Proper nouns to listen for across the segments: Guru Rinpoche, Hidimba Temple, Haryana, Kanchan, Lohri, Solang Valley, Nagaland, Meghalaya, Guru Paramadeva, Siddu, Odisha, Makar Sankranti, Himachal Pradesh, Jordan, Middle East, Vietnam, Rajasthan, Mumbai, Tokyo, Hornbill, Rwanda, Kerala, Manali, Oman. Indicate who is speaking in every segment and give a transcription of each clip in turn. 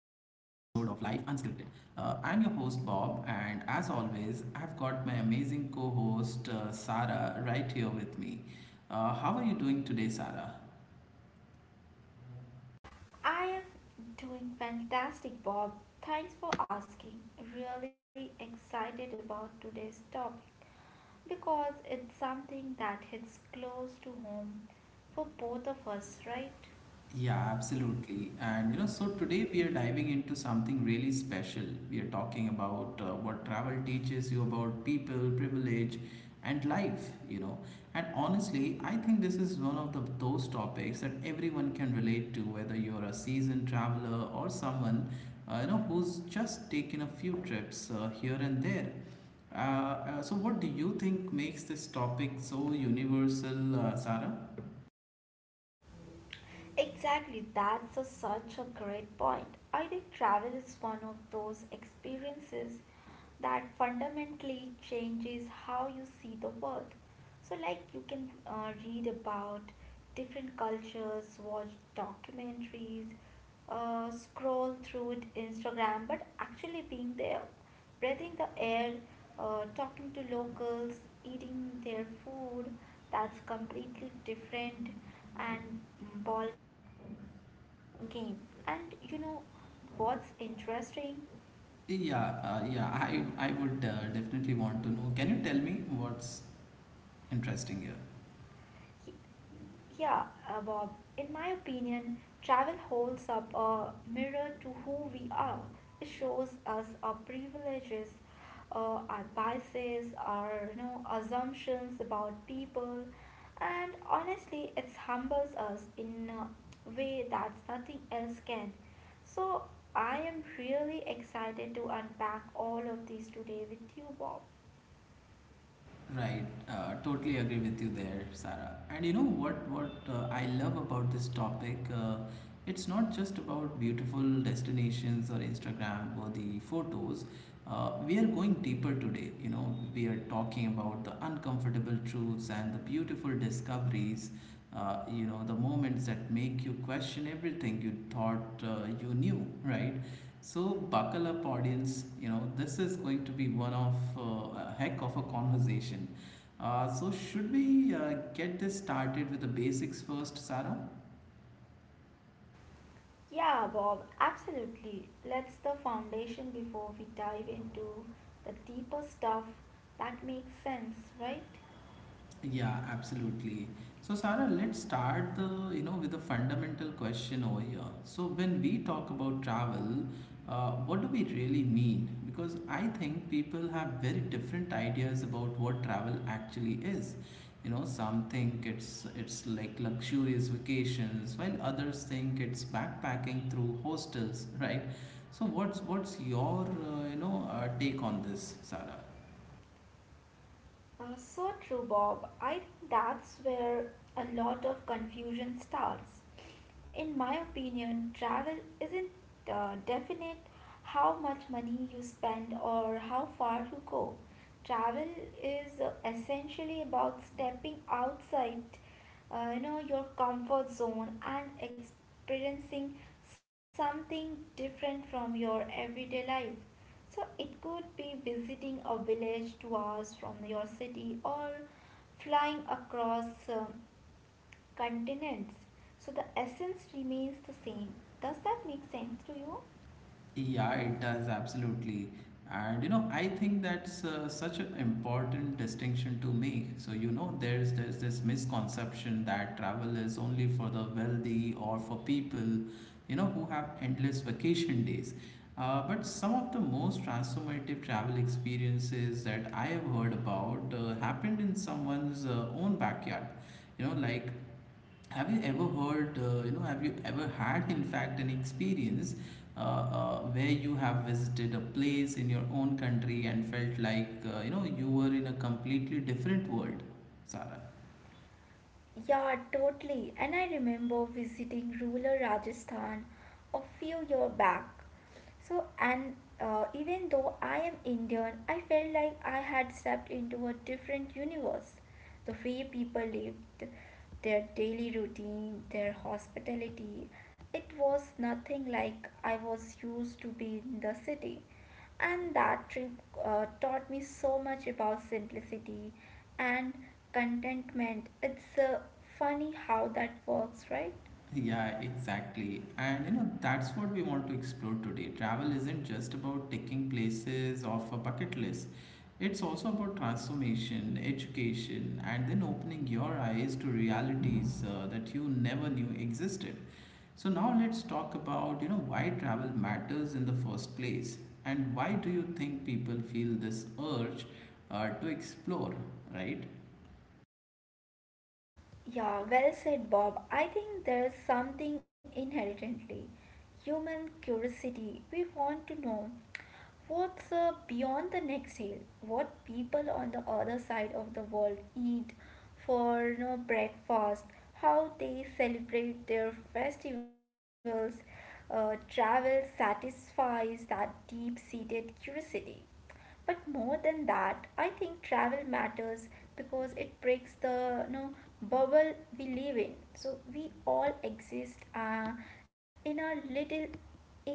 Speaker 1: Life Unscripted. I'm your host Bob, and as always, I've got my amazing co host Sarah right here with me. How are you doing today, Sarah?
Speaker 2: I am doing fantastic, Bob. Thanks for asking. Really excited about today's topic because it's something that hits close to home for both of us, right?
Speaker 1: Yeah, absolutely. And you know, so today we are diving into something really special. We are talking about what travel teaches you about people, privilege, and life. And honestly, I think this is one of those topics that everyone can relate to, whether you're a seasoned traveler or someone who's just taken a few trips here and there. Uh, what do you think makes this topic so universal, Sarah?
Speaker 2: Exactly, such a great point. I think travel is one of those experiences that fundamentally changes how you see the world. So, like, you can read about different cultures, watch documentaries, scroll through it Instagram, but actually being there, breathing the air, talking to locals, eating their food, that's completely different and ball game. And you know what's interesting?
Speaker 1: Yeah, I would definitely want to know. Can you tell me what's interesting here?
Speaker 2: Yeah, Bob, in my opinion, travel holds up a mirror to who we are. It shows us our privileges, our biases, our assumptions about people, and honestly, it humbles us in a way that nothing else can. So, I am really excited to unpack all of these today with you, Bob.
Speaker 1: Right, totally agree with you there, Sarah. And you know what I love about this topic? It's not just about beautiful destinations or Instagram or the photos. We are going deeper today. You know, we are talking about the uncomfortable truths and the beautiful discoveries. The moments that make you question everything you thought you knew, right? So buckle up, audience. You know this is going to be one of a heck of a conversation. So should we get this started with the basics first, Sarah?
Speaker 2: Yeah, Bob, absolutely. Let's the foundation before we dive into the deeper stuff that makes sense, right?
Speaker 1: Yeah, absolutely. So Sarah, let's start the you know with a fundamental question over here. So when we talk about travel, what do we really mean? Because I think people have very different ideas about what travel actually is. You know, some think it's like luxurious vacations, while others think it's backpacking through hostels, right? So what's your take on this, Sarah?
Speaker 2: So true, Bob. I think that's where a lot of confusion starts. In my opinion, travel isn't definite how much money you spend or how far you go. Travel is essentially about stepping outside, you know, your comfort zone and experiencing something different from your everyday life. So it could be visiting a village 2 hours from your city or flying across continents. So the essence remains the same. Does that make sense to you?
Speaker 1: Yeah, it does absolutely. And you know, I think that's such an important distinction to make. So you know, there's this misconception that travel is only for the wealthy or for people, you know, who have endless vacation days. But some of the most transformative travel experiences that I have heard about happened in someone's own backyard. You know, like have you ever heard have you ever had in fact an experience where you have visited a place in your own country and felt like you were in a completely different world sarah
Speaker 2: Yeah, totally. And I remember visiting rural Rajasthan a few years back. So, and even though I am Indian, I felt like I had stepped into a different universe. The way people lived, their daily routine, their hospitality, it was nothing like I was used to be in the city, and that trip taught me so much about simplicity and contentment. It's funny how that works, right?
Speaker 1: Yeah, exactly. And you know, that's what we want to explore today. Travel isn't just about taking places off a bucket list, it's also about transformation, education, and then opening your eyes to realities that you never knew existed. So now let's talk about, you know, why travel matters in the first place and why do you think people feel this urge to explore, right?
Speaker 2: Yeah, well said, Bob. I think there is something inherently human curiosity. We want to know what's beyond the next hill, what people on the other side of the world eat for, you know, breakfast, how they celebrate their festivals. Travel satisfies that deep seated curiosity, but more than that, I think travel matters because it breaks the, you know, bubble we live in. So we all exist in our little echo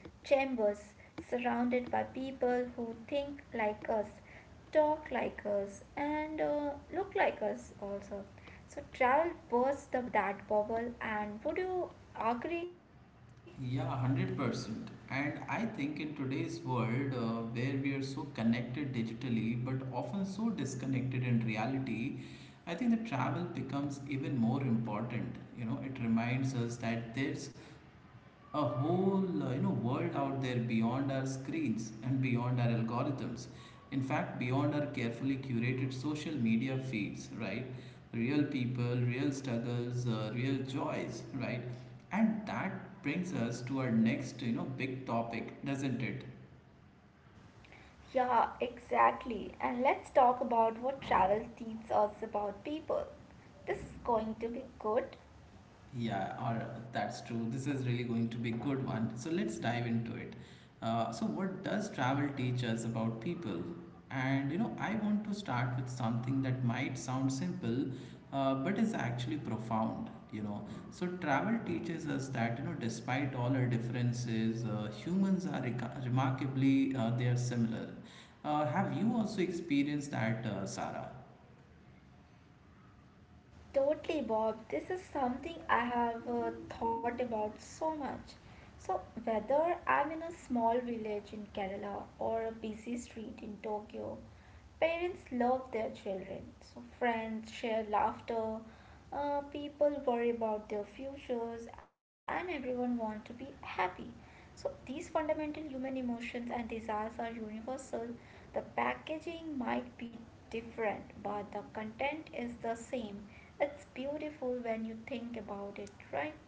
Speaker 2: chambers, surrounded by people who think like us, talk like us, and look like us also. So travel bursts that bubble. And would you agree?
Speaker 1: Yeah, 100%. And I think in today's world where we are so connected digitally but often so disconnected in reality, I think the travel becomes even more important. You know, it reminds us that there's a whole world out there beyond our screens and beyond our algorithms, in fact beyond our carefully curated social media feeds, right? Real people, real struggles, real joys, right? And that brings us to our next, you know, big topic, doesn't it?
Speaker 2: Yeah, exactly. And let's talk about what travel teaches us about people. This is going to be good.
Speaker 1: Yeah, or that's true. This is really going to be a good one. So let's dive into it. So what does travel teach us about people? And you know, I want to start with something that might sound simple, but is actually profound. You know, so travel teaches us that you know, despite all our differences, humans are remarkably they are similar. Have you also experienced that, Sarah?
Speaker 2: Totally, Bob. This is something I have thought about so much. So, whether I'm in a small village in Kerala or a busy street in Tokyo, parents love their children. So, friends share laughter, people worry about their futures, and everyone wants to be happy. So, these fundamental human emotions and desires are universal. The packaging might be different, but the content is the same. It's beautiful when you think about it, right?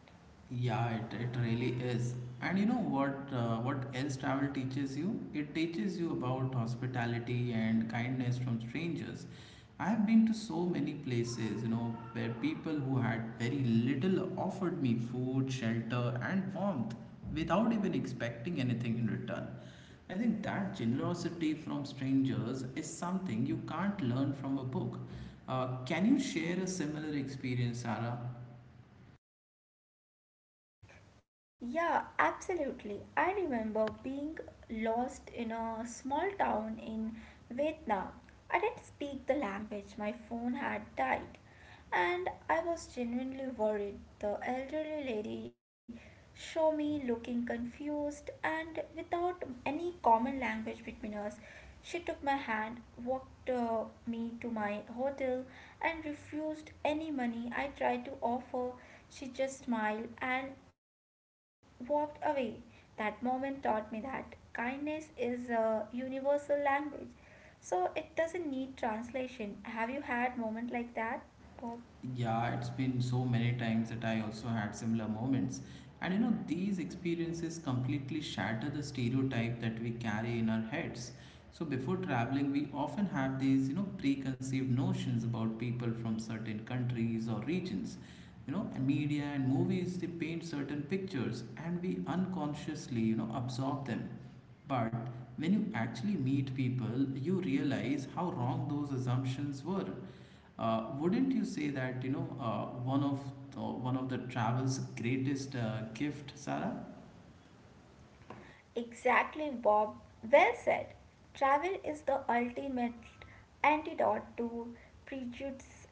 Speaker 1: Yeah, it really is. And you know what else travel teaches you? It teaches you about hospitality and kindness from strangers. I have been to so many places, you know, where people who had very little offered me food, shelter, and warmth without even expecting anything in return. I think that generosity from strangers is something you can't learn from a book. Can you share a similar experience, Sarah?
Speaker 2: Yeah, absolutely. I remember being lost in a small town in Vietnam. I didn't speak the language, my phone had died, and I was genuinely worried. The elderly lady saw me looking confused and without any common language between us. She took my hand, walked me to my hotel, and refused any money I tried to offer. She just smiled and walked away. That moment taught me that kindness is a universal language, so it doesn't need translation. Have you had moment like that, Bob?
Speaker 1: Yeah, it's been so many times that I also had similar moments. And you know, these experiences completely shatter the stereotype that we carry in our heads. So before traveling, we often have these, you know, preconceived notions about people from certain countries or regions. You know, and media and movies, they paint certain pictures and we unconsciously, you know, absorb them. But when you actually meet people, you realize how wrong those assumptions were. Wouldn't you say that you know one of the travel's greatest gift, Sarah?
Speaker 2: Exactly, Bob. Well said. Travel is the ultimate antidote to prejudice.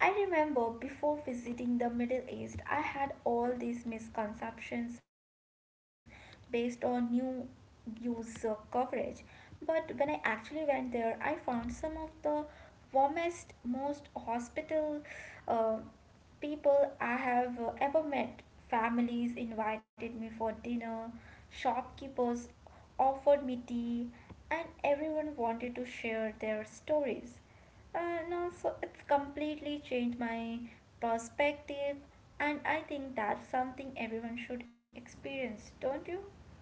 Speaker 2: I remember before visiting the Middle East, I had all these misconceptions based on news coverage. But when I actually went there, I found some of the warmest, most hospital, uh, people I have ever met. Families invited me for dinner, shopkeepers offered me tea, and everyone wanted to share their stories. No, So it's completely changed my perspective, and I think that's something everyone should experience, don't you?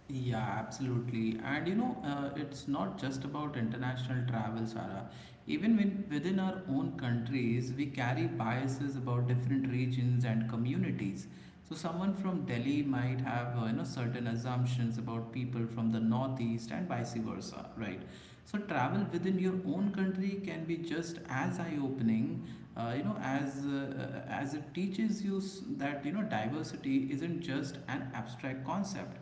Speaker 1: Yeah, absolutely. And you know, it's not just about international travel, Sarah. Even when within our own countries, we carry biases about different regions and communities. So someone from Delhi might have, you know, certain assumptions about people from the Northeast and vice versa, right? So travel within your own country can be just as eye-opening, as it teaches you that you know diversity isn't just an abstract concept.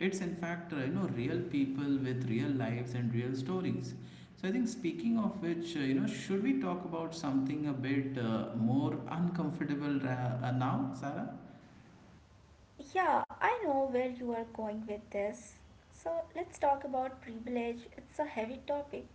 Speaker 1: It's in fact real people with real lives and real stories. So I think speaking of which, you know, should we talk about something a bit more uncomfortable now, Sarah?
Speaker 2: Yeah, I know where you are going with this. So let's talk about privilege. It's a heavy topic,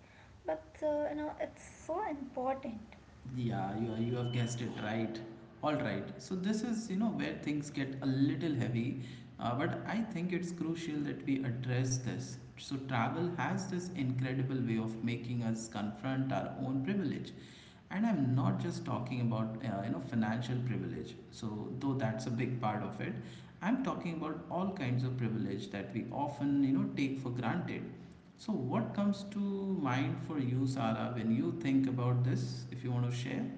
Speaker 2: but you know, it's so important.
Speaker 1: Yeah, you have guessed it right. All right. So this is, you know, where things get a little heavy, but I think it's crucial that we address this. So travel has this incredible way of making us confront our own privilege. And I'm not just talking about, you know, financial privilege. So though that's a big part of it, I'm talking about all kinds of privilege that we often, you know, take for granted. So, what comes to mind for you, Sara, when you think about this? If you want to share,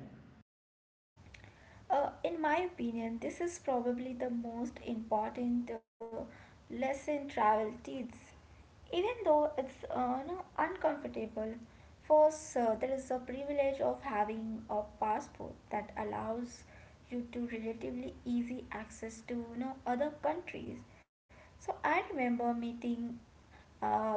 Speaker 2: In my opinion, this is probably the most important lesson travel teaches, even though it's you know, uncomfortable. First, there is a privilege of having a passport that allows you to relatively easy access to, you know, other countries. So I remember meeting uh,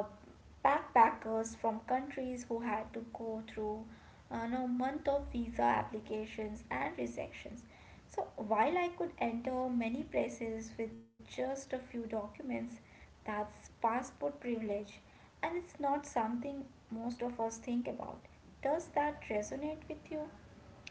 Speaker 2: backpackers from countries who had to go through, you know, month of visa applications and rejections. So while I could enter many places with just a few documents, that's passport privilege, and it's not something most of us think about. Does that resonate with you?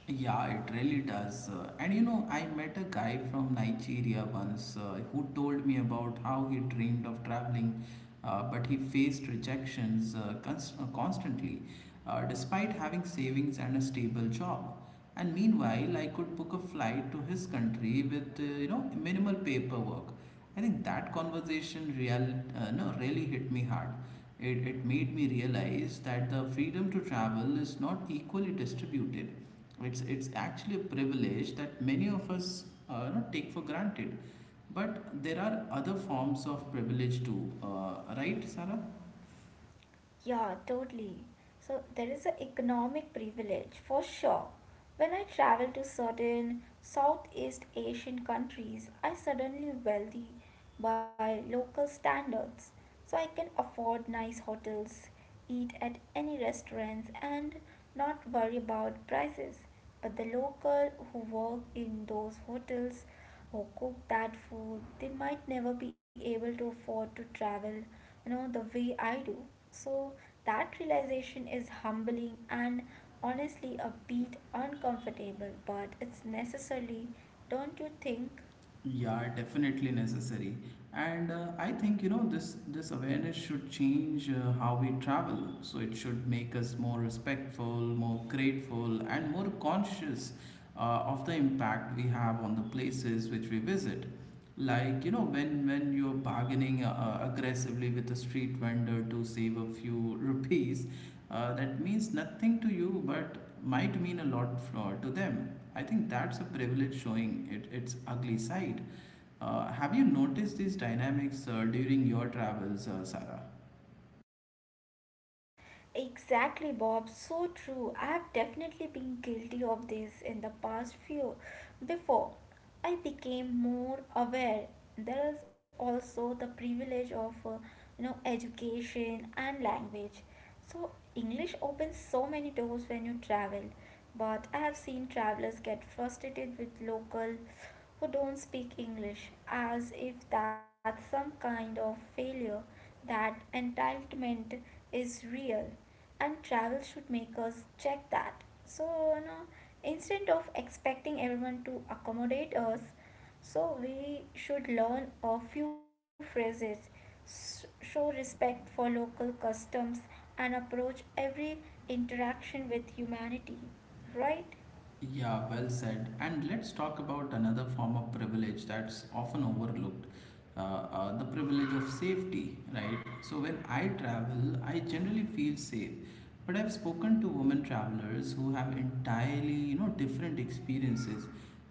Speaker 1: yeah, it really does. And you know, I met a guy from Nigeria once who told me about how he dreamed of traveling, but he faced rejections constantly, despite having savings and a stable job. And meanwhile, I could book a flight to his country with minimal paperwork. I think that conversation real no really hit me hard. It made me realize that the freedom to travel is not equally distributed. It's actually a privilege that many of us you know, take for granted. But there are other forms of privilege too, right, Sarah?
Speaker 2: Yeah, totally. So there is an economic privilege for sure. When I travel to certain Southeast Asian countries, I suddenly wealthy by local standards. So I can afford nice hotels, eat at any restaurants, and not worry about prices. But the local who work in those hotels or cook that food, they might never be able to afford to travel, you know, the way I do. So that realization is humbling and honestly a bit uncomfortable, but it's necessary, don't you think?
Speaker 1: Yeah, definitely necessary. And I think you know this awareness should change how we travel. So it should make us more respectful, more grateful, and more conscious of the impact we have on the places which we visit. Like you know when you're bargaining aggressively with a street vendor to save a few rupees, that means nothing to you but might mean a lot to them. I think that's a privilege showing its ugly side. Have you noticed these dynamics during your travels, Sarah?
Speaker 2: Exactly, Bob. So true. I've definitely been guilty of this in the past few. Before I became more aware, there is also the privilege of, you know, education and language. So English opens so many doors when you travel, but I have seen travelers get frustrated with local who don't speak English, as if that's some kind of failure. That entitlement is real, and travel should make us check that. So, you know, instead of expecting everyone to accommodate us, so we should learn a few phrases, show respect for local customs, and approach every interaction with humanity, right?
Speaker 1: Yeah, well said. And let's talk about another form of privilege that's often overlooked, the privilege of safety, right? So, when I travel, I generally feel safe. But I've spoken to women travelers who have entirely, you know, different experiences.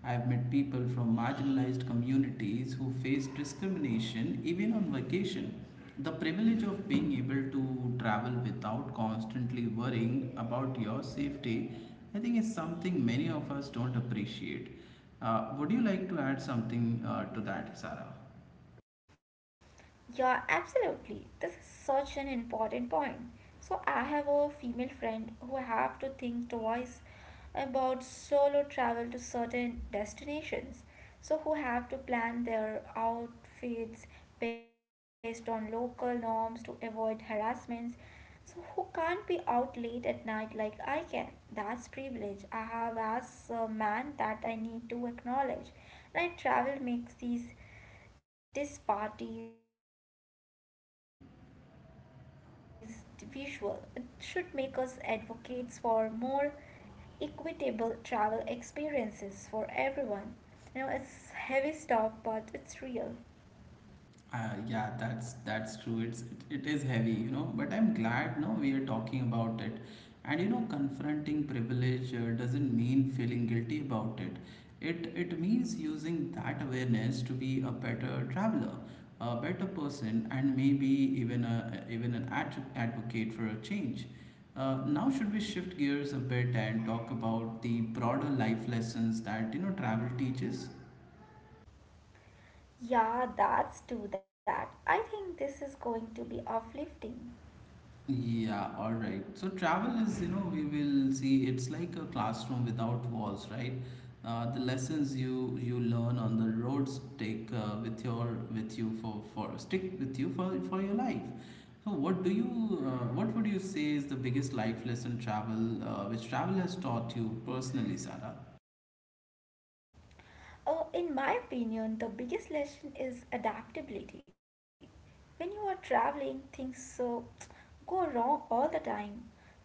Speaker 1: I've met people from marginalized communities who face discrimination even on vacation. The privilege of being able to travel without constantly worrying about your safety, I think, is something many of us don't appreciate. Would you like to add something to that, Sarah?
Speaker 2: Yeah, absolutely. This is such an important point. So I have a female friend who have to think twice about solo travel to certain destinations, so who have to plan their outfits based on local norms to avoid harassments, so who can't be out late at night like I can. That's privilege I have as a man that I need to acknowledge. And I travel makes these, this part is visual. It should make us advocates for more equitable travel experiences for everyone. You know, it's heavy stuff, but it's real.
Speaker 1: Yeah, that's true. It's it, it is heavy, you know. But I'm glad now we are talking about it. And you know, confronting privilege doesn't mean feeling guilty about it. It means using that awareness to be a better traveler, a better person, and maybe even a even an ad- advocate for a change. Now, should we shift gears a bit and talk about the broader life lessons that you know travel teaches?
Speaker 2: Yeah, that's do that. I think this is going to be uplifting.
Speaker 1: Yeah, all right. So travel is, you know, we will see it's like a classroom without walls, right? The lessons you learn on the roads take with your with you for stick with you for your life. So what do you what would you say is the biggest life lesson travel has taught you personally, Sarah?
Speaker 2: In my opinion, the biggest lesson is adaptability. When you are traveling, things so go wrong all the time.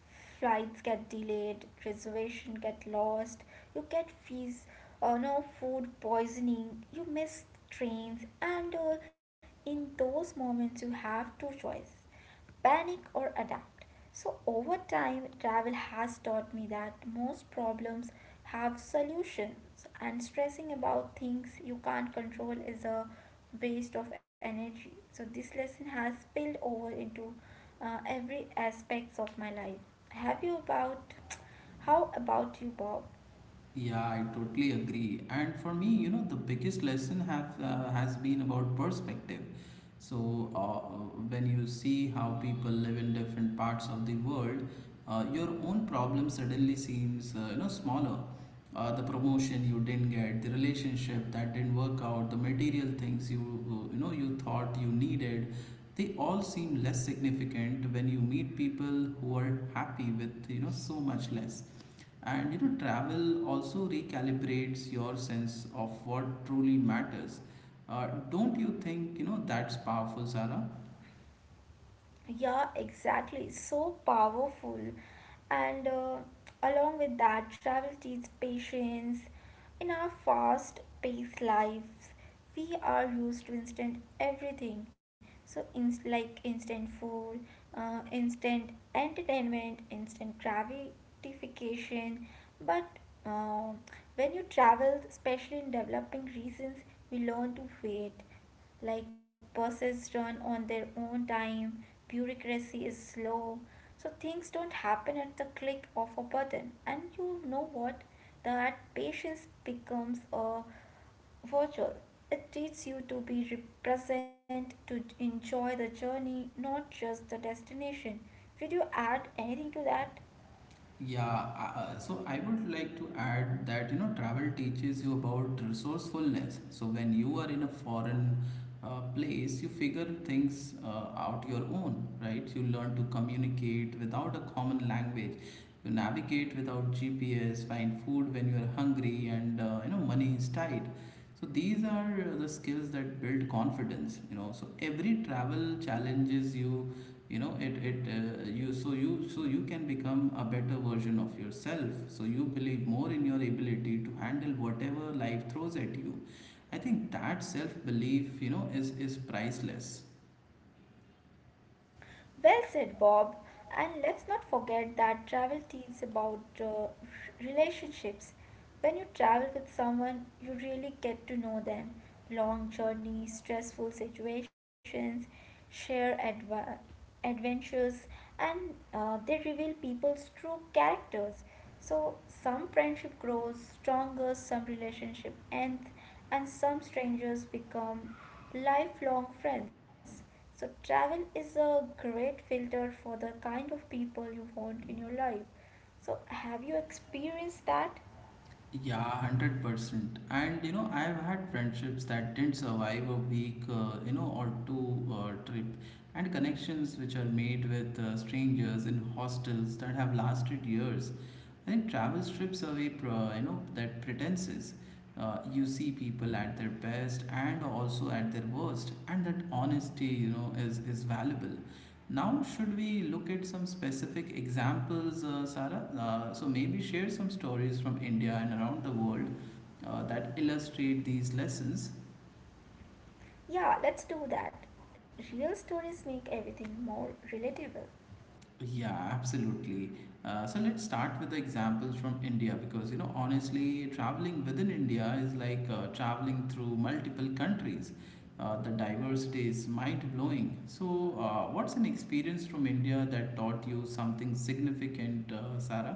Speaker 2: Flights get delayed, reservation get lost, you get fees, no food poisoning, you miss trains, and in those moments you have two choices: panic or adapt. So, over time, travel has taught me that most problems have solutions, and stressing about things you can't control is a waste of energy. So, this lesson has spilled over into every aspects of my life. Have you about How about you, Bob?
Speaker 1: Yeah, I totally agree. And for me, you know, the biggest lesson have has been about perspective. So when you see how people live in different parts of the world, your own problem suddenly seems you know smaller. The promotion you didn't get, the relationship that didn't work out, the material things you you know you thought you needed, they all seem less significant when you meet people who are happy with you know so much less and you know, travel also recalibrates your sense of what truly matters. Don't you think you know that's powerful, Sarah?
Speaker 2: Yeah, exactly. So powerful. And along with that, travel teaches patience. In our fast paced lives, we are used to instant everything. So, like instant food, instant entertainment, instant gratification. But uh, when you travel, especially in developing regions, we learn to wait, like buses run on their own time, bureaucracy is slow. So things don't happen at the click of a button. And you know what? That patience becomes a virtue. It teaches you to be present, to enjoy the journey, not just the destination. Would you add anything to that?
Speaker 1: Yeah, so I would like to add that you know travel teaches you about resourcefulness. So when you are in a foreign place, you figure things out your own, right? You learn to communicate without a common language. You navigate without GPS, find food when you are hungry, and you know money is tight. So these are the skills that build confidence. You know, so every travel challenges you you know it it you so you can become a better version of yourself so you believe more in your ability to handle whatever life throws at you. I think that self belief you know is priceless.
Speaker 2: Well said, Bob. And let's not forget that travel teaches about relationships. When you travel with someone, you really get to know them. Long journeys, stressful situations, share adventures, and they reveal people's true characters. So, some friendship grows stronger, some relationship ends, and some strangers become lifelong friends. So, travel is a great filter for the kind of people you want in your life. So, have you experienced that?
Speaker 1: Yeah, 100%. And you know, I've had friendships that didn't survive a week, or two trip, and connections which are made with strangers in hostels that have lasted years. I think travel strips away, that pretenses. You see people at their best and also at their worst, and that honesty, you know, is valuable. Now, should we look at some specific examples, Sarah? So, maybe share some stories from India and around the world that illustrate these lessons.
Speaker 2: Yeah, let's do that. Real stories make everything more relatable.
Speaker 1: Yeah, absolutely. So, let's start with the examples from India because, you know, honestly, traveling within India is like traveling through multiple countries. The diversity is mind blowing. So, what's an experience from India that taught you something significant, Sarah?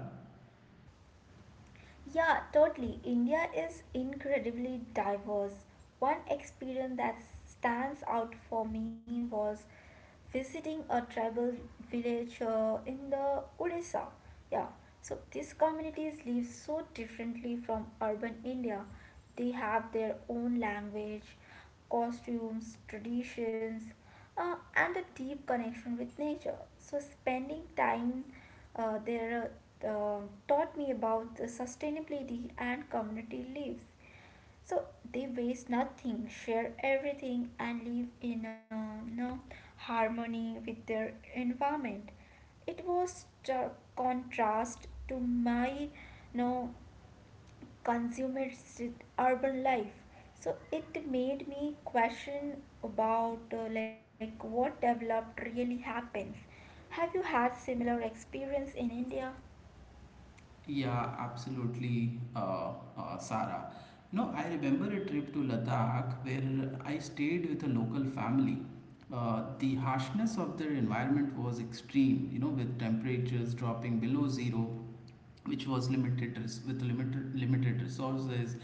Speaker 2: Yeah, totally. India is incredibly diverse. One experience that stands out for me was visiting a tribal village in the Odisha. Yeah, so these communities live so differently from urban India. They have their own language, costumes, traditions, and a deep connection with nature. So, spending time there uh, taught me about the sustainability and community lives. So, they waste nothing, share everything, and live in no, harmony with their environment. It was the contrast to my no consumeristic urban life, so it made me question about, like, what developed really happens. Have you had similar experience in India?
Speaker 1: Yeah, absolutely, Sara. No, I remember a trip to Ladakh where I stayed with a local family. The harshness of their environment was extreme, you know, with temperatures dropping below zero, which was with limited resources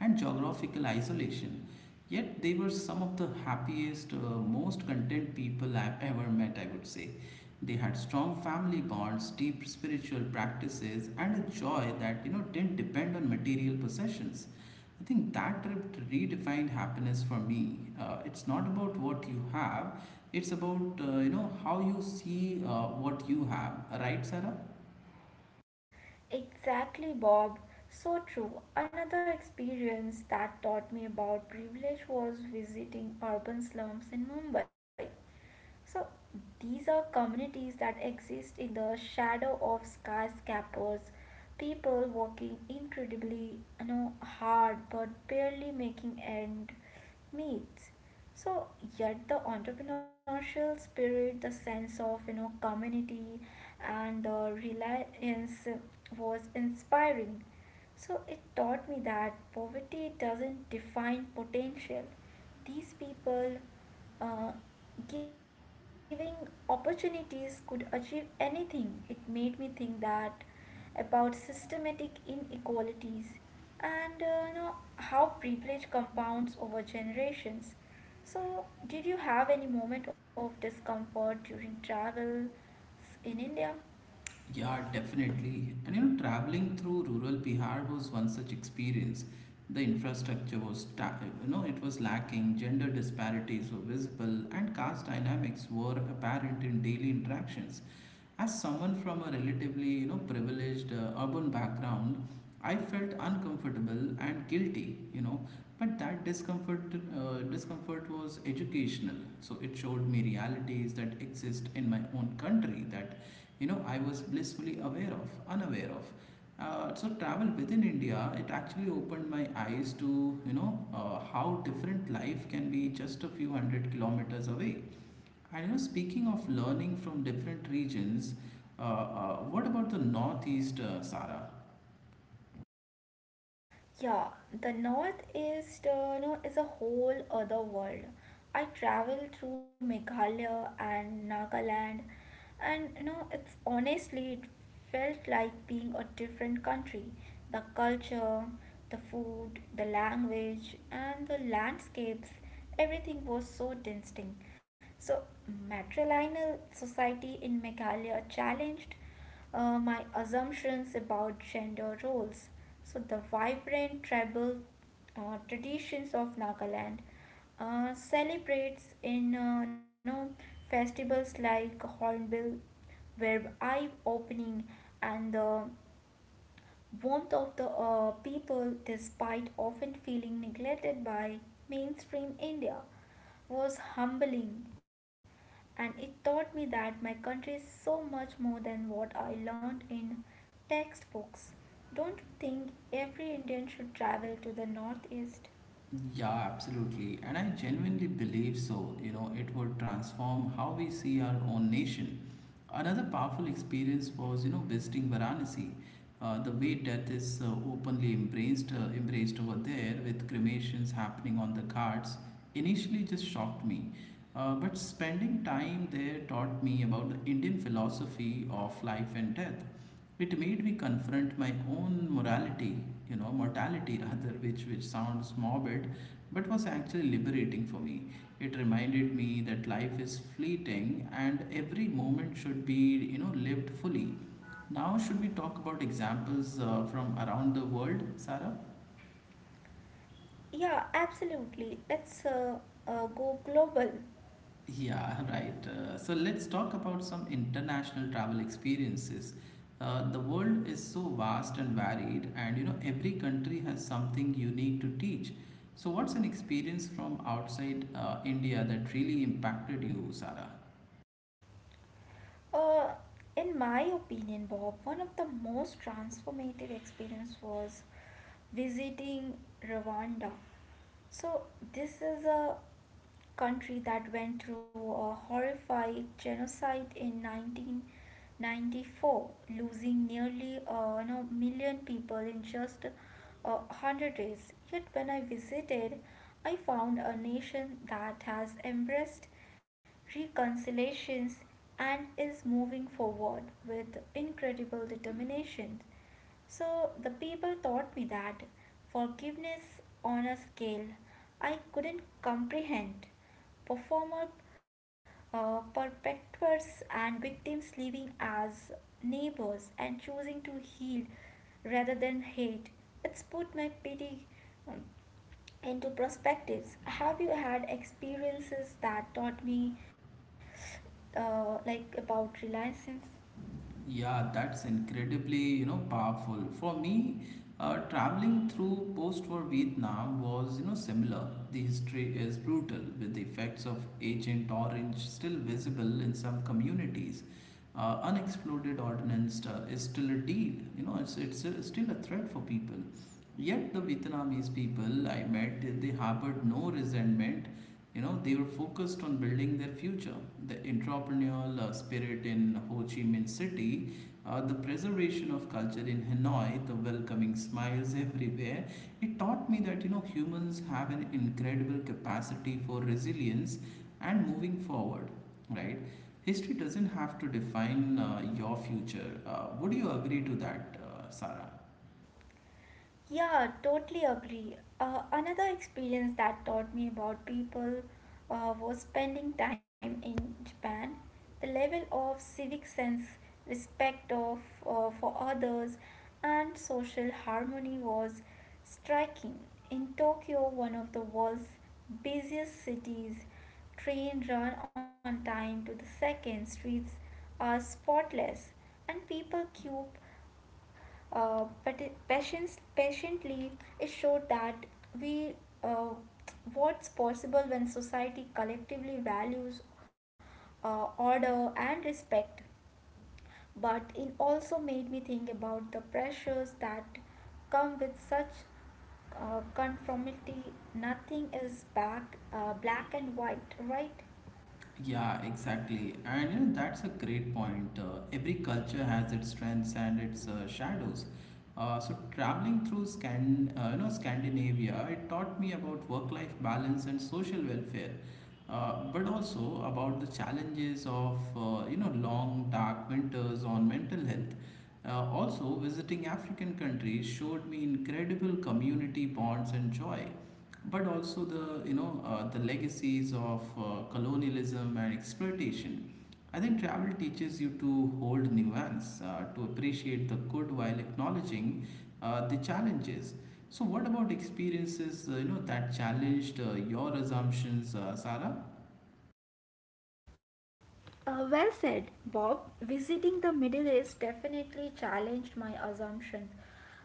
Speaker 1: and geographical isolation. Yet they were some of the happiest, most content people I've ever met, I would say. They had strong family bonds, deep spiritual practices, and a joy that you know didn't depend on material possessions. I think that trip redefined happiness for me. It's not about what you have; it's about you know how you see what you have. Right, Sarah?
Speaker 2: Exactly, Bob. So true. Another experience that taught me about privilege was visiting urban slums in Mumbai. So, these are communities that exist in the shadow of skyscrapers, people working incredibly, you know, hard but barely making end meets. So, yet the entrepreneurial spirit, the sense of community, and the reliance was inspiring. So it taught me that poverty doesn't define potential. These people uh, giving opportunities could achieve anything. It made me think that about systematic inequalities and how privilege compounds over generations. So, did you have any moment of discomfort during travels in India?
Speaker 1: Yeah, definitely. And you know, traveling through rural Bihar was one such experience. The infrastructure was, it was lacking, gender disparities were visible, and caste dynamics were apparent in daily interactions. As someone from a relatively you know privileged urban background, I felt uncomfortable and guilty, you know. But that discomfort was educational. So it showed me realities that exist in my own country that you know I was unaware of. So travel within India, it actually opened my eyes to you know how different life can be just a few hundred kilometers away. And you know, speaking of learning from different regions, what about the Northeast, Sarah?
Speaker 2: Yeah, the northeast is a whole other world. I travel through Meghalaya and Nagaland, and it's honestly it felt like being a different country. The culture, the food, the language, and the landscapes, everything was so distinct. So, matrilineal society in Meghalaya challenged my assumptions about gender roles. So, the vibrant tribal traditions of Nagaland celebrates in festivals like Hornbill, Web Eye Opening, and the warmth of the people despite often feeling neglected by mainstream India was humbling, and it taught me that my country is so much more than what I learned in textbooks. Don't you think every Indian should travel to the Northeast?
Speaker 1: Yeah, absolutely. And I genuinely believe so. You know, it would transform how we see our own nation. Another powerful experience was, you know, visiting Varanasi. The way death is openly embraced over there, with cremations happening on the Ghats, initially just shocked me. But spending time there taught me about the Indian philosophy of life and death. It made me confront my own morality, you know, mortality rather, which sounds morbid, but was actually liberating for me. It reminded me that life is fleeting and every moment should be, you know, lived fully. Now, should we talk about examples from around the world, Sarah?
Speaker 2: Yeah, absolutely. Let's go global.
Speaker 1: Yeah, right. So let's talk about some international travel experiences. The world is so vast and varied, and you know, every country has something unique to teach. So, what's an experience from outside India that really impacted you, Sarah?
Speaker 2: Uh, in my opinion, Bob, one of the most transformative experience was visiting Rwanda. So this is a country that went through a horrific genocide in 1994, losing nearly million people in just 100 days. Yet when I visited, I found a nation that has embraced reconciliations and is moving forward with incredible determination. So the people taught me that forgiveness on a scale I couldn't comprehend. Performer Perpetrators and victims living as neighbors and choosing to heal rather than hate. It's put my pity um, into perspectives. Have you had experiences that taught me like about reliance?
Speaker 1: Yeah, that's incredibly, you know, powerful. For me, traveling through post-war Vietnam was, you know, similar. The history is brutal, with the effects of Agent Orange still visible in some communities. Unexploded ordnance is still a deal. You know, it's still a threat for people. Yet the Vietnamese people I met, they harbored no resentment. You know they were focused on building their future, the entrepreneurial spirit in Ho Chi Minh City, the preservation of culture in Hanoi, the welcoming smiles everywhere. It taught me that you know humans have an incredible capacity for resilience and moving forward, right? History doesn't have to define your future. Would you agree to that, Sarah?
Speaker 2: Yeah, totally agree. Another experience that taught me about people was spending time in Japan. The level of civic sense, respect of for others, and social harmony was striking. In Tokyo, one of the world's busiest cities, train run on time to the second, streets are spotless, and people queue but it, patience patiently. It showed that we uh, what's possible when society collectively values order and respect, but it also made me think about the pressures that come with such conformity. Nothing is back black and white, right?
Speaker 1: Yeah, exactly. And you know, that's a great point. Every culture has its strengths and its shadows. So traveling through Scandinavia, it taught me about work-life balance and social welfare, but also about the challenges of you know long dark winters on mental health. Also, visiting African countries showed me incredible community bonds and joy but also the you know the legacies of colonialism and exploitation. I think travel teaches you to hold nuance, to appreciate the good while acknowledging the challenges. So, what about experiences you know that challenged your assumptions, Sarah?
Speaker 2: Well said, Bob. Visiting the Middle East definitely challenged my assumptions.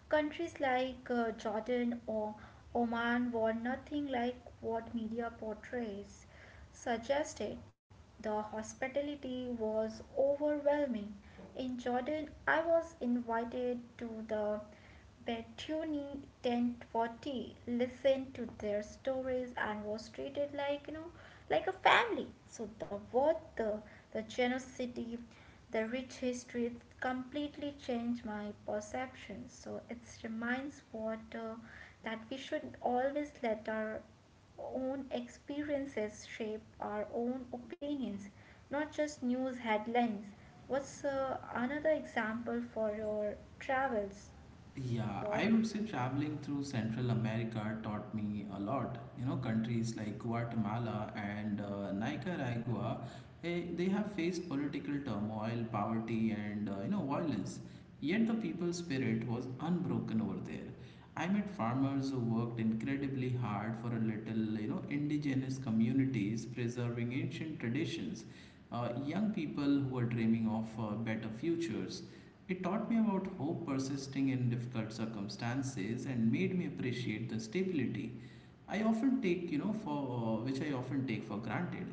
Speaker 2: Countries like Jordan or Oman were nothing like what media portrays. Suggested the hospitality was overwhelming. In Jordan, I was invited to the Betuni 1040, listened to their stories and was treated like like a family. So the war, the genocide, the rich history completely changed my perception. So it reminds what that we should always let our own experiences shape our own opinions, not just news headlines. What's another example for your travels,
Speaker 1: Yeah, I
Speaker 2: Bob?
Speaker 1: would say traveling through Central America taught me a lot. You know, countries like Guatemala and Nicaragua, they have faced political turmoil, poverty, and you know, violence. Yet the people's spirit was unbroken over there. I met farmers who worked incredibly hard for a little, you know, indigenous communities preserving ancient traditions, young people who are dreaming of better futures. It taught me about hope persisting in difficult circumstances and made me appreciate the stability I often take, you know, for which I often take for granted.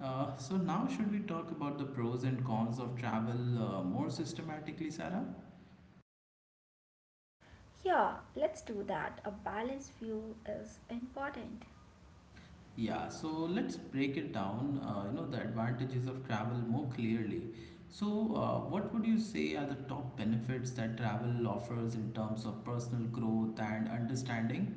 Speaker 1: So now, should we talk about the pros and cons of travel more systematically, Sarah?
Speaker 2: Yeah, let's do that. A balanced view is important.
Speaker 1: Yeah, so let's break it down, you know, the advantages of travel more clearly. So, what would you say are the top benefits that travel offers in terms of personal growth and understanding?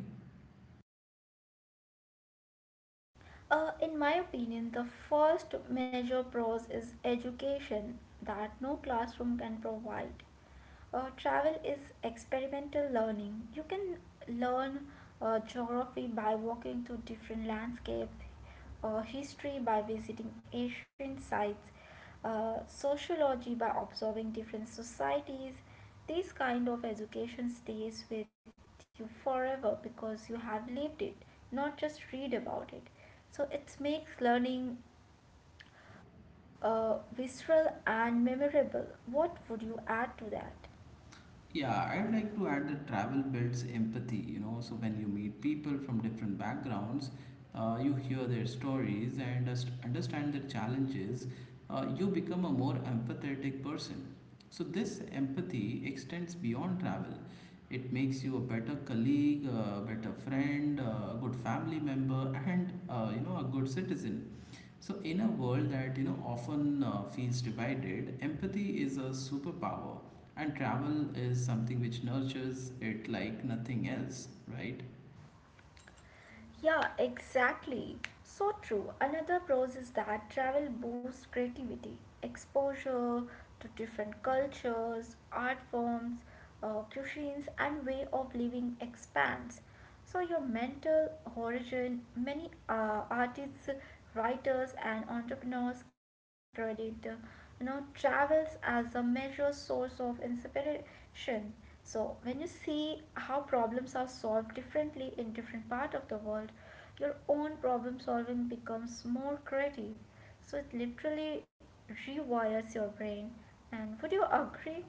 Speaker 2: In my opinion, the first major pros is education that no classroom can provide. Travel is experimental learning. You can learn geography by walking to different landscapes, history by visiting ancient sites, sociology by observing different societies. This kind of education stays with you forever because you have lived it, not just read about it. So it makes learning visceral and memorable. What would you add to that?
Speaker 1: Yeah, I'd like to add that travel builds empathy, you know. So when you meet people from different backgrounds, you hear their stories and just understand their challenges, you become a more empathetic person. So this empathy extends beyond travel. It makes you a better colleague, a better friend, a good family member, and you know a good citizen. So in a world that you know often feels divided, empathy is a superpower and travel is something which nurtures it like nothing else, right?
Speaker 2: Yeah, exactly. So true. Another pros is that travel boosts creativity, exposure to different cultures, art forms, cuisines, and way of living expands. So your mental horizon. Many artists, writers, and entrepreneurs credit travels as a major source of inspiration. So when you see how problems are solved differently in different part of the world, your own problem solving becomes more creative. So it literally rewires your brain. And would you agree?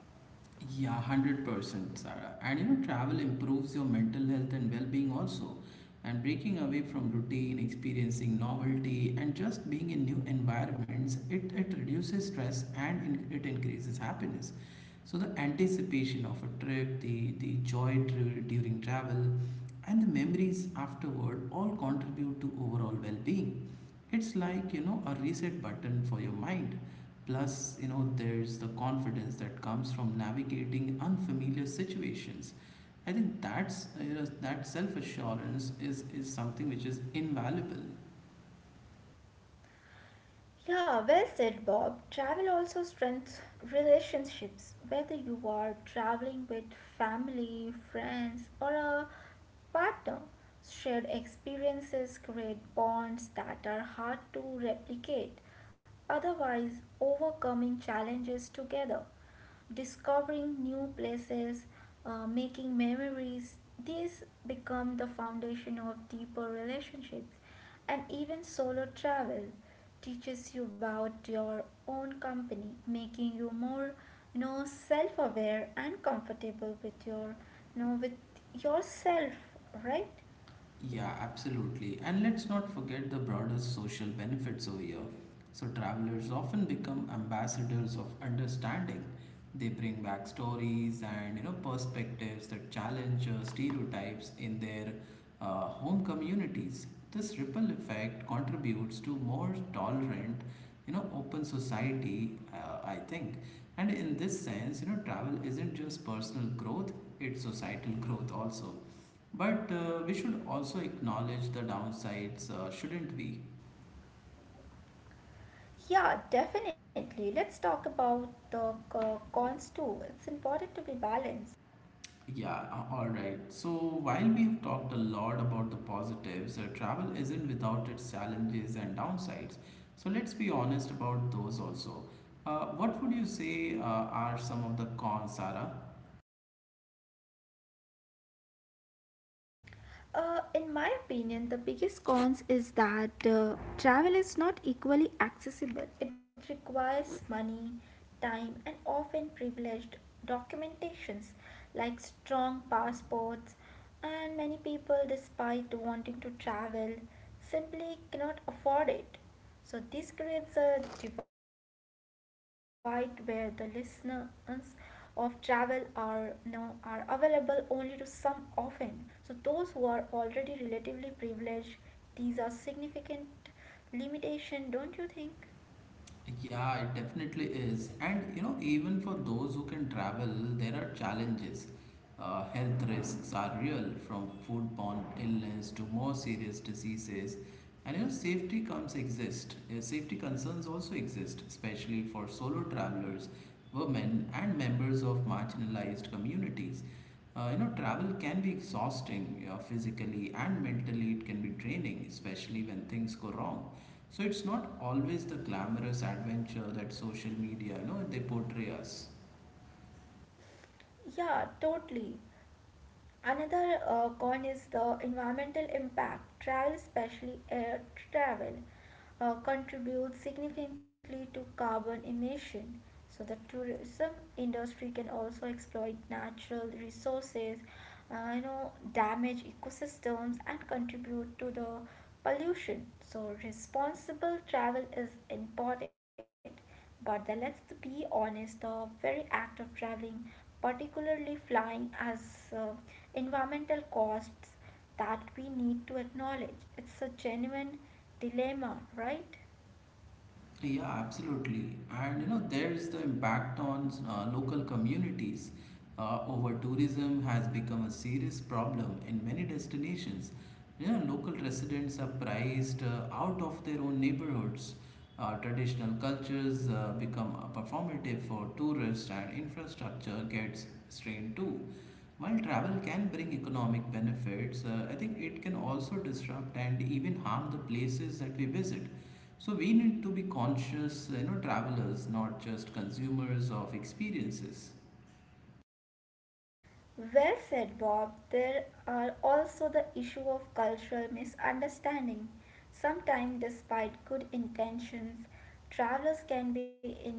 Speaker 1: Yeah, 100%, Sarah. And you know, travel improves your mental health and well being also. And breaking away from routine, experiencing novelty, and just being in new environments, it reduces stress and it increases happiness. So, the anticipation of a trip, the during travel, and the memories afterward all contribute to overall well being. It's like, you know, a reset button for your mind. Plus, you know, there's the confidence that comes from navigating unfamiliar situations. I think that's you know, that self assurance is something which is invaluable.
Speaker 2: Yeah, well said, Bob. Travel also strengthens relationships, whether you are traveling with family, friends, or a partner. Shared experiences create bonds that are hard to replicate, otherwise, overcoming challenges together, discovering new places, making memories. These become the foundation of deeper relationships, and even solo travel teaches you about your own company, making you more, self-aware and comfortable with your, with yourself, right?
Speaker 1: Yeah, absolutely. And let's not forget the broader social benefits over here. So, travelers often become ambassadors of understanding. They bring back stories and you know perspectives that challenge stereotypes in their home communities. This ripple effect contributes to more tolerant, you know, open society. I think, and in this sense, you know, travel isn't just personal growth; it's societal growth also. But we should also acknowledge the downsides, shouldn't we?
Speaker 2: Yeah, definitely. Let's talk about the cons too. It's important to be balanced.
Speaker 1: Yeah, all right. So, while we have talked a lot about the positives, travel isn't without its challenges and downsides. So, let's be honest about those also. What would you say are some of the cons, Sarah?
Speaker 2: In my opinion, the biggest cons is that travel is not equally accessible. It requires money, time, and often privileged documentations like strong passports. And many people, despite wanting to travel, simply cannot afford it. So, this creates a divide where the listeners of travel are now are available only to some often, so those who are already relatively privileged. These are significant limitation, don't you think?
Speaker 1: Yeah, it definitely is. And you know, even for those who can travel, there are challenges. Health risks are real, from foodborne illness to more serious diseases. And you know, safety comes exist. Safety concerns also exist, especially for solo travelers, women, and members of marginalized communities. You know, travel can be exhausting physically and mentally, it can be draining, especially when things go wrong. So it's not always the glamorous adventure that social media, you know, they portray us.
Speaker 2: Yeah, totally. Another con is the environmental impact. Travel, especially air travel, contributes significantly to carbon emission. So the tourism industry can also exploit natural resources, damage ecosystems and contribute to the pollution. So responsible travel is important, but the, let's be honest, the very act of traveling, particularly flying, as environmental costs that we need to acknowledge. It's a genuine dilemma, right?
Speaker 1: Yeah, absolutely. And you know, there's the impact on local communities. Over tourism has become a serious problem in many destinations. You know, local residents are priced out of their own neighborhoods. Traditional cultures become performative for tourists, and infrastructure gets strained too. While travel can bring economic benefits, I think it can also disrupt and even harm the places that we visit. So we need to be conscious, you know, travelers, not just consumers of experiences.
Speaker 2: Well said, Bob. There are also the issue of cultural misunderstanding. Sometimes, despite good intentions, travelers can be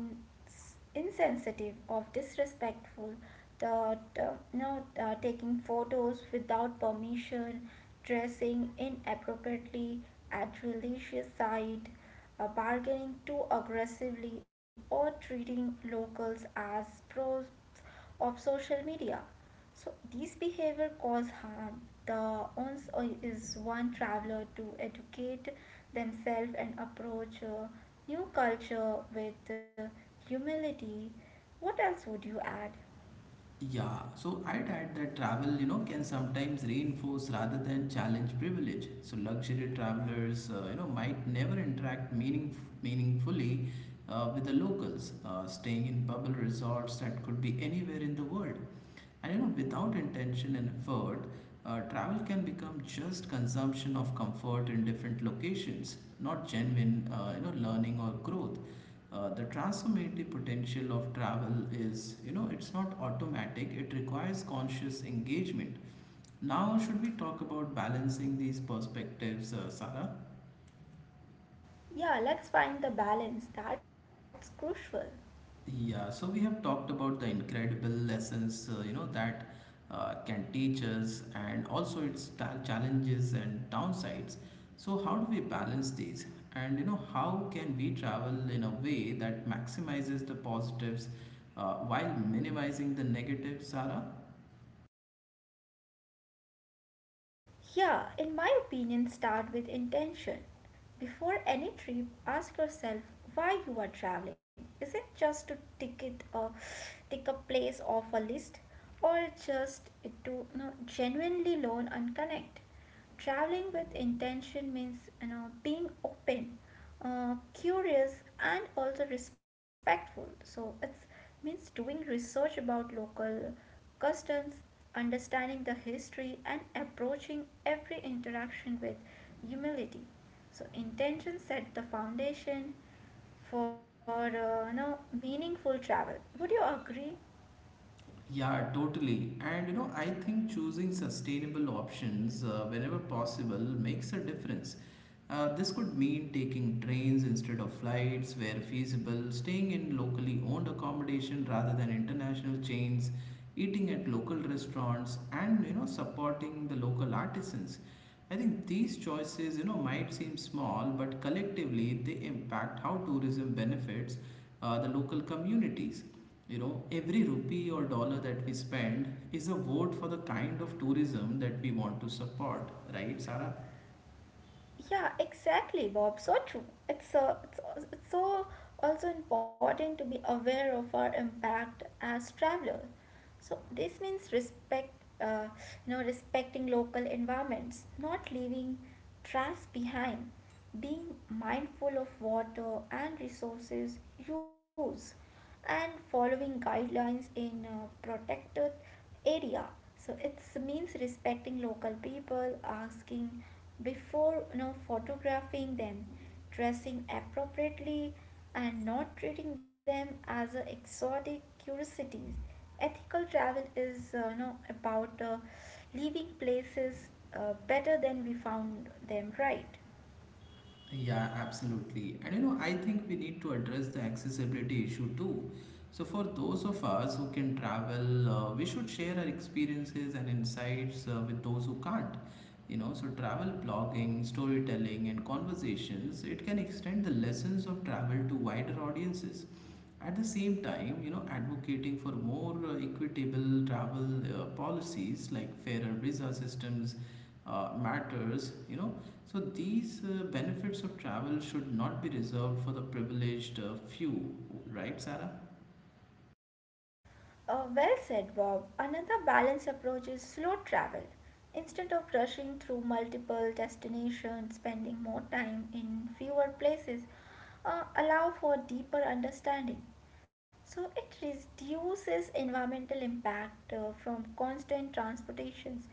Speaker 2: insensitive or disrespectful. Taking photos without permission, dressing inappropriately at religious site, bargaining too aggressively, or treating locals as pros of social media. So these behavior cause harm. The onus is one traveler to educate themselves and approach new culture with humility. What else would you add?
Speaker 1: Yeah, so I'd add that travel, you know, can sometimes reinforce rather than challenge privilege. So luxury travelers, you know, might never interact meaningfully with the locals, staying in bubble resorts that could be anywhere in the world. And you know, without intention and effort, travel can become just consumption of comfort in different locations, not genuine, you know, learning or growth. The transformative potential of travel is, you know, it's not automatic, it requires conscious engagement. Now, should we talk about balancing these perspectives, Sarah?
Speaker 2: Yeah, let's find the balance. That's crucial.
Speaker 1: Yeah, so we have talked about the incredible lessons, you know, that can teach us and also its challenges and downsides. So, how do we balance these? And, you know, how can we travel in a way that maximizes the positives while minimizing the negatives, Sarah?
Speaker 2: Yeah, in my opinion, start with intention. Before any trip, ask yourself why you are traveling. Is it just to tick it or tick a place off a list, or just to genuinely learn and connect? Traveling with intention means being open, curious and also respectful. So it means doing research about local customs, understanding the history and approaching every interaction with humility. So intention set the foundation for meaningful travel. Would you agree?
Speaker 1: Yeah, totally. And you know, I think choosing sustainable options whenever possible makes a difference. This could mean taking trains instead of flights where feasible, staying in locally owned accommodation rather than international chains, eating at local restaurants, and you know, supporting the local artisans. I think these choices, you know, might seem small, but collectively they impact how tourism benefits the local communities. You know, every rupee or dollar that we spend is a vote for the kind of tourism that we want to support, right, Sarah?
Speaker 2: Yeah, exactly, Bob. So true. It's so also important to be aware of our impact as traveler. So this means respect, uh, respecting local environments, not leaving trash behind, being mindful of water and resources use and following guidelines in protected area. So it means respecting local people, asking before photographing them, dressing appropriately and not treating them as a exotic curiosities. Ethical travel is about leaving places better than we found them, right?
Speaker 1: Yeah, absolutely. And you know, I think we need to address the accessibility issue too. So, for those of us who can travel, we should share our experiences and insights with those who can't. You know, so travel blogging, storytelling, and conversations, it can extend the lessons of travel to wider audiences. At the same time, you know, advocating for more equitable travel policies like fairer visa systems matters, you know. So these benefits of travel should not be reserved for the privileged few, right, Sarah?
Speaker 2: Well said, Bob. Another balanced approach is slow travel. Instead of rushing through multiple destinations, spending more time in fewer places, allow for deeper understanding. So it reduces environmental impact from constant transportations.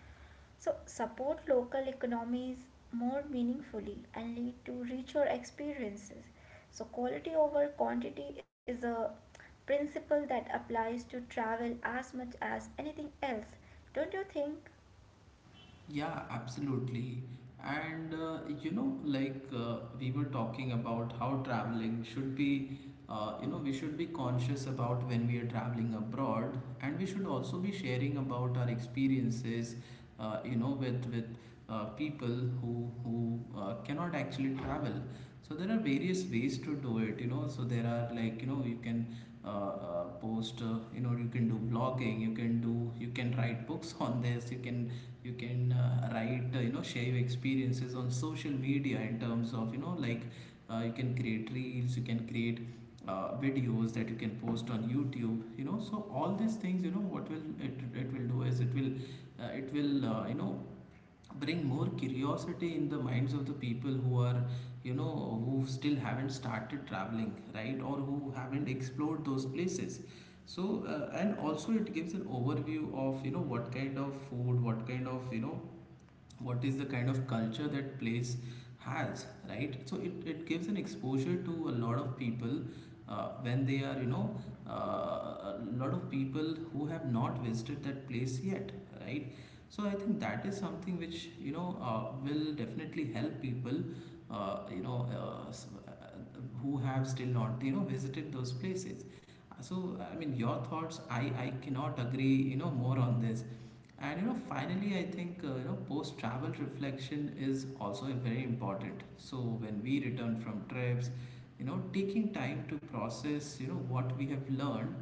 Speaker 2: So, support local economies more meaningfully and lead to richer experiences. So, quality over quantity is a principle that applies to travel as much as anything else. Don't you think?
Speaker 1: Yeah, absolutely. And you know, like we were talking about how traveling should be, you know, we should be conscious about when we are traveling abroad, and we should also be sharing about our experiences, you know, with people who cannot actually travel. So there are various ways to do it, you know. So there are, like, you know, you can post, you know, you can do blogging, you can do, you can write books on this, you can, you can write, you know, share your experiences on social media in terms of, you know, like you can create reels, you can create videos that you can post on YouTube, you know. So all these things, you know, what will it will do is it will it will, you know, bring more curiosity in the minds of the people who are, you know, who still haven't started traveling, right, or who haven't explored those places. So and also it gives an overview of, you know, what kind of food, what kind of, you know, what is the kind of culture that place has, right? So it gives an exposure to a lot of people when they are, you know, a lot of people who have not visited that place yet, right? So I think that is something which, you know, will definitely help people, you know, who have still not, you know, visited those places. So I mean, your thoughts, I cannot agree, you know, more on this. And you know, finally, I think you know, post-travel reflection is also very important. So when we return from trips, you know, taking time to process, you know, what we have learned,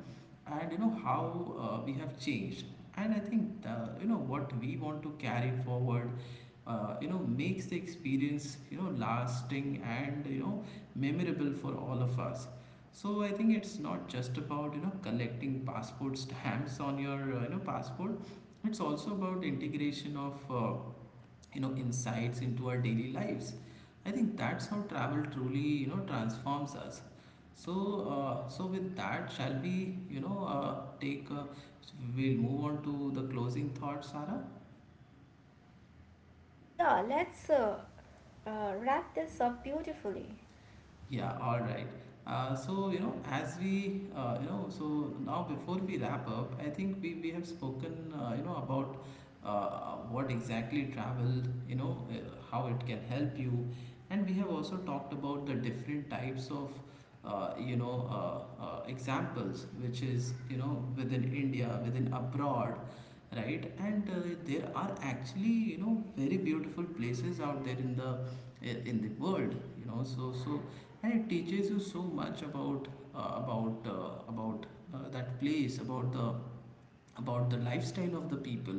Speaker 1: and you know how we have changed. And I think the, you know, what we want to carry forward, you know, makes the experience, you know, lasting and you know memorable for all of us. So I think it's not just about, you know, collecting passport stamps on your you know passport, it's also about integration of you know insights into our daily lives. I think that's how travel truly, you know, transforms us. So so with that, shall we, you know, take we'll move on to the closing thoughts, Sarah.
Speaker 2: Yeah, let's wrap this up beautifully.
Speaker 1: Yeah, all right. So, you know, as we, you know, so now before we wrap up, I think we have spoken, you know, about what exactly travel, you know, how it can help you. And we have also talked about the different types of, you know, examples, which is, you know, within India, within abroad, right. And there are actually, you know, very beautiful places out there in the world, you know. So so and it teaches you so much about uh, about uh, about that place, about the lifestyle of the people,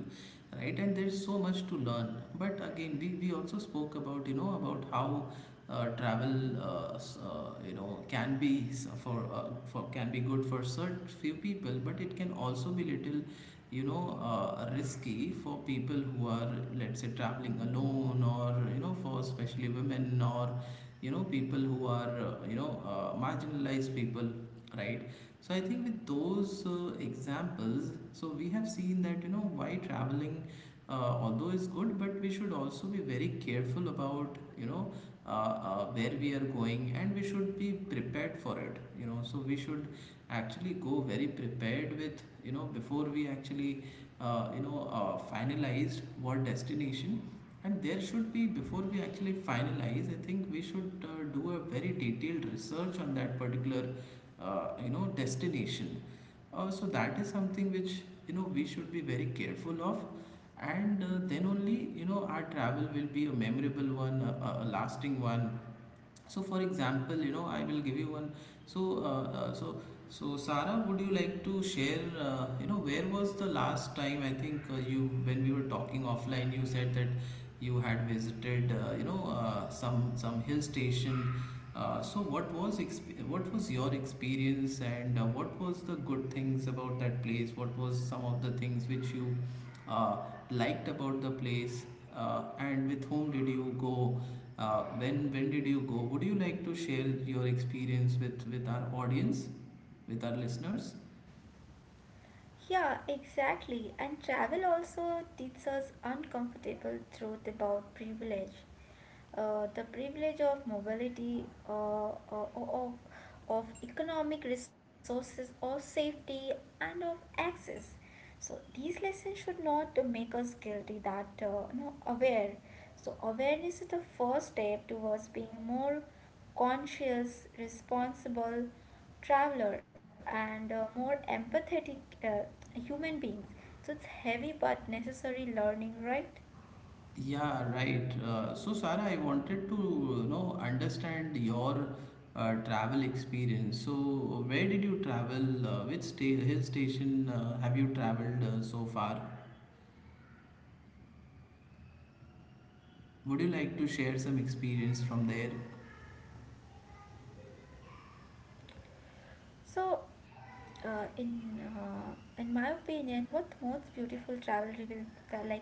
Speaker 1: right. And there's so much to learn, but again, we also spoke about, you know, about how travel you know can be for, for, can be good for certain few people, but it can also be little, you know, risky for people who are, let's say, traveling alone, or you know, for especially women, or you know, people who are you know marginalized people, right. So I think with those examples, so we have seen that, you know, why traveling although is good, but we should also be very careful about, you know, where we are going, and we should be prepared for it, you know. So we should actually go very prepared with, you know, before we actually you know finalized what destination. And there should be, before we actually finalize, I think we should do a very detailed research on that particular you know destination. So that is something which, you know, we should be very careful of. And then only, you know, our travel will be a memorable one, a lasting one. So for example, you know, I will give you one. So uh, uh, so so Sarah, would you like to share, you know, where was the last time, I think you, when we were talking offline, you said that you had visited, you know, some hill station. So what was what was your experience, and what was the good things about that place, what was some of the things which you uh, liked about the place, and with whom did you go? When did you go? Would you like to share your experience with our audience, with our listeners?
Speaker 2: Yeah, exactly. And travel also teaches us uncomfortable truth about privilege. The privilege of mobility, of economic resources or safety, and of access. So these lessons should not make us guilty. That no aware. So awareness is the first step towards being more conscious, responsible traveler and more empathetic uh, human beings. So it's heavy but necessary learning, right?
Speaker 1: Yeah, right. So Sarah, I wanted to, you know, understand your travel experience. So where did you travel? Which hill station have you traveled so far? Would you like to share some experience from there?
Speaker 2: So, uh, in uh, in my opinion, what most beautiful travel revealed the, like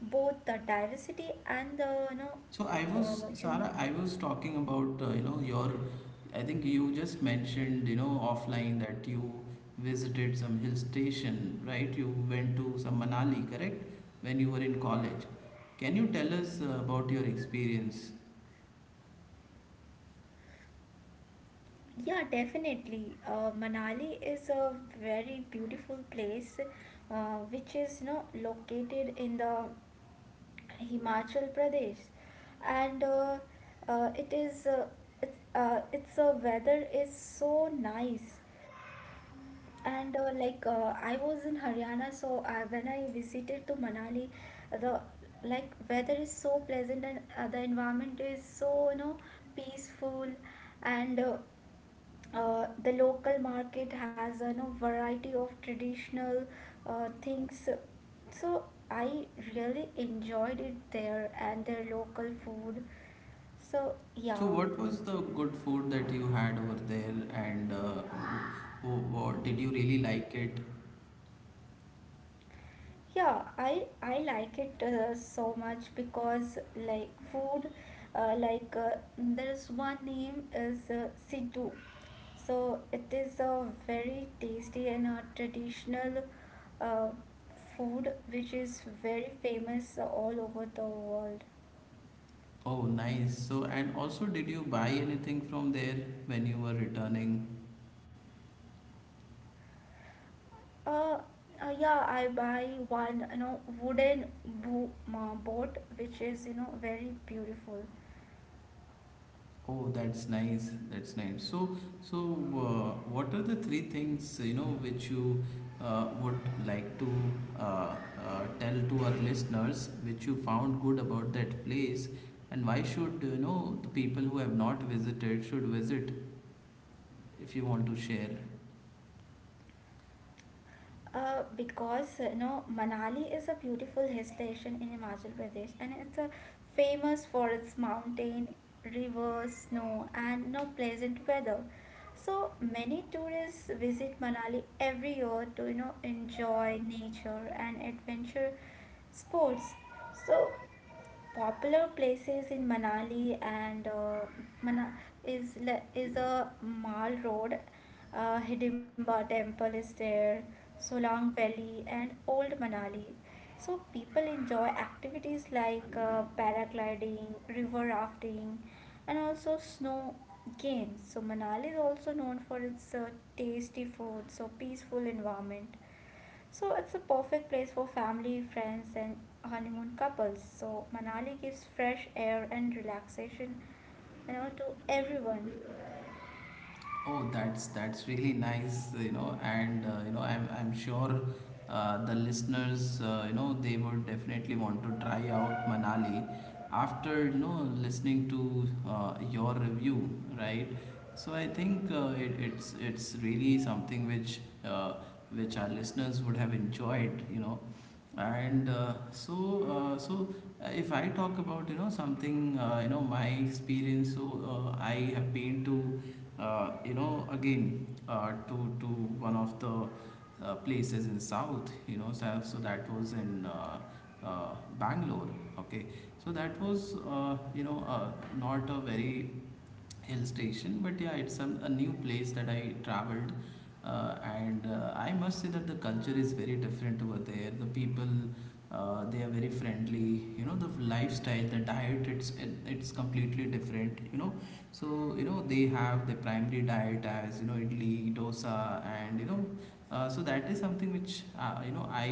Speaker 2: both the diversity and the
Speaker 1: So I was,
Speaker 2: uh, you,
Speaker 1: Sarah, I was talking about, you know, your, I think you just mentioned, you know, offline that you visited some hill station, right? You went to some Manali, correct? When you were in college. Can you tell us about your experience?
Speaker 2: yeah, definitely. Manali is a very beautiful place, which is located in the Himachal Pradesh, and it is its weather is so nice. And I was in Haryana, so when I visited to Manali, the like weather is so pleasant and the environment is so peaceful, and the local market has variety of traditional things. So I really enjoyed it there and their local food. So
Speaker 1: So
Speaker 2: yeah.
Speaker 1: what was the good food that you had over there, and did you really like it?
Speaker 2: Yeah, I like it so much because like food, there's one name is Siddu. So it is a very tasty and a traditional uh, food which is very famous all over the world.
Speaker 1: Oh, nice. So, and also did you buy anything from there when you were returning?
Speaker 2: Uh, yeah, I buy one, wooden boat which is, very beautiful.
Speaker 1: Oh, that's nice. That's nice. So, so what are the three things, you know, which you would like to uh, uh, tell to our listeners, which you found good about that place, and why should, you know, the people who have not visited should visit, if you want to share?
Speaker 2: Because Manali is a beautiful hill station in Himachal Pradesh, and it's a famous for its mountain, rivers, snow, and no pleasant weather. So many tourists visit Manali every year to enjoy nature and adventure sports. So popular places in Manali and Mana is is a Mal Road, Hidimba Temple is there, Solang Valley and Old Manali. So people enjoy activities like paragliding, river rafting, and also snow games. So Manali is also known for its tasty food, so peaceful environment. So it's a perfect place for family, friends, and honeymoon couples. So Manali gives fresh air and relaxation, to everyone.
Speaker 1: Oh, that's really nice, you know, and you know, I'm sure the listeners, you know, they would definitely want to try out Manali after, you know, listening to your review, right? So I think it's really something which our listeners would have enjoyed, you know and so so if I talk about you know something you know my experience. I have been to you know again to one of the places in south, so that was in uh, bangalore. Okay, so that was not a very hill station, but yeah, it's some a new place that I traveled. Uh, and uh, i must say that the culture is very different over there. The people, they are very friendly, you know, the lifestyle, the diet, it's completely different, you know. So you know they have the primary diet as you know idli dosa. And you know So that is something which I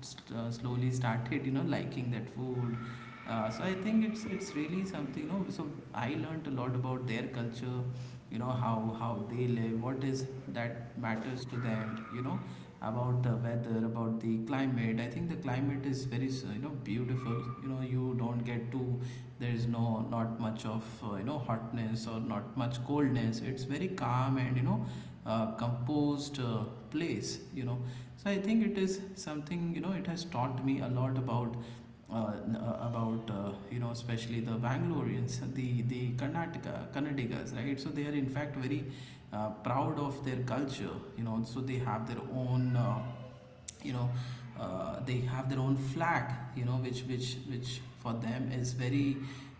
Speaker 1: slowly started you know liking that food. So I think it's really something. You know, so I learned a lot about their culture. You know, how they live, what is that matters to them. You know, about the weather, about the climate. I think the climate is very you know beautiful. You know, you don't get too, there is no not much of you know hotness or not much coldness. It's very calm and you know composed place, you know. So I think it is something, you know, it has taught me a lot about about you know especially the Bangaloreans, the Karnataka Kannadigas, right? So they are in fact very proud of their culture, you know. So they have their own, you know, they have their own flag, you know, which for them is very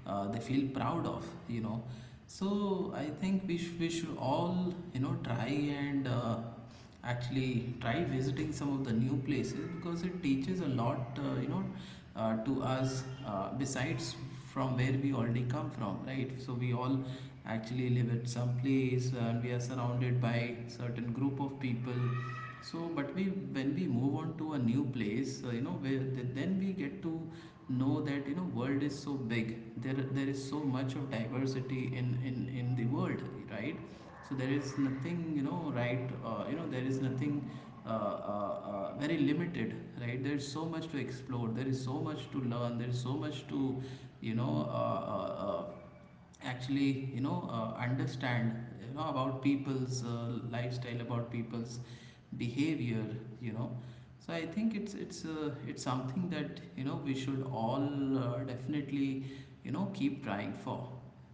Speaker 1: they feel proud of, you know. So I think we should all you know try and. Actually try visiting some of the new places, because it teaches a lot you know to us, besides from where we already come from, right? So we all actually live at some place and we are surrounded by certain group of people. So but we, when we move on to a new place, you know, where then we get to know that you know world is so big. There is so much of diversity in in the world, right? So there is nothing you know right you know there is nothing very limited, right? There is so much to explore, there is so much to learn, there is so much to you know uh, uh, uh, actually you know understand, you know, about people's lifestyle, about people's behavior, you know. So I think it's something that you know we should all definitely you know keep trying for.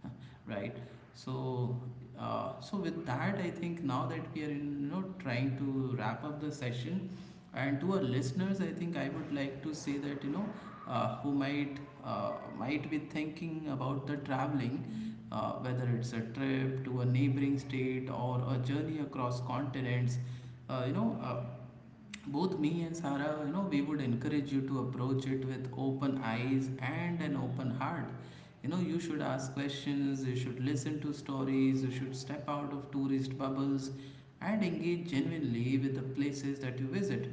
Speaker 1: Right? So so with that, I think now that we are you know trying to wrap up the session. And to our listeners, I think I would like to say that who might be thinking about the traveling, whether it's a trip to a neighboring state or a journey across continents. uh, you know uh, Both me and Sarah, you know, we would encourage you to approach it with open eyes and an open heart. You know, you should ask questions, you should listen to stories, you should step out of tourist bubbles, and engage genuinely with the places that you visit,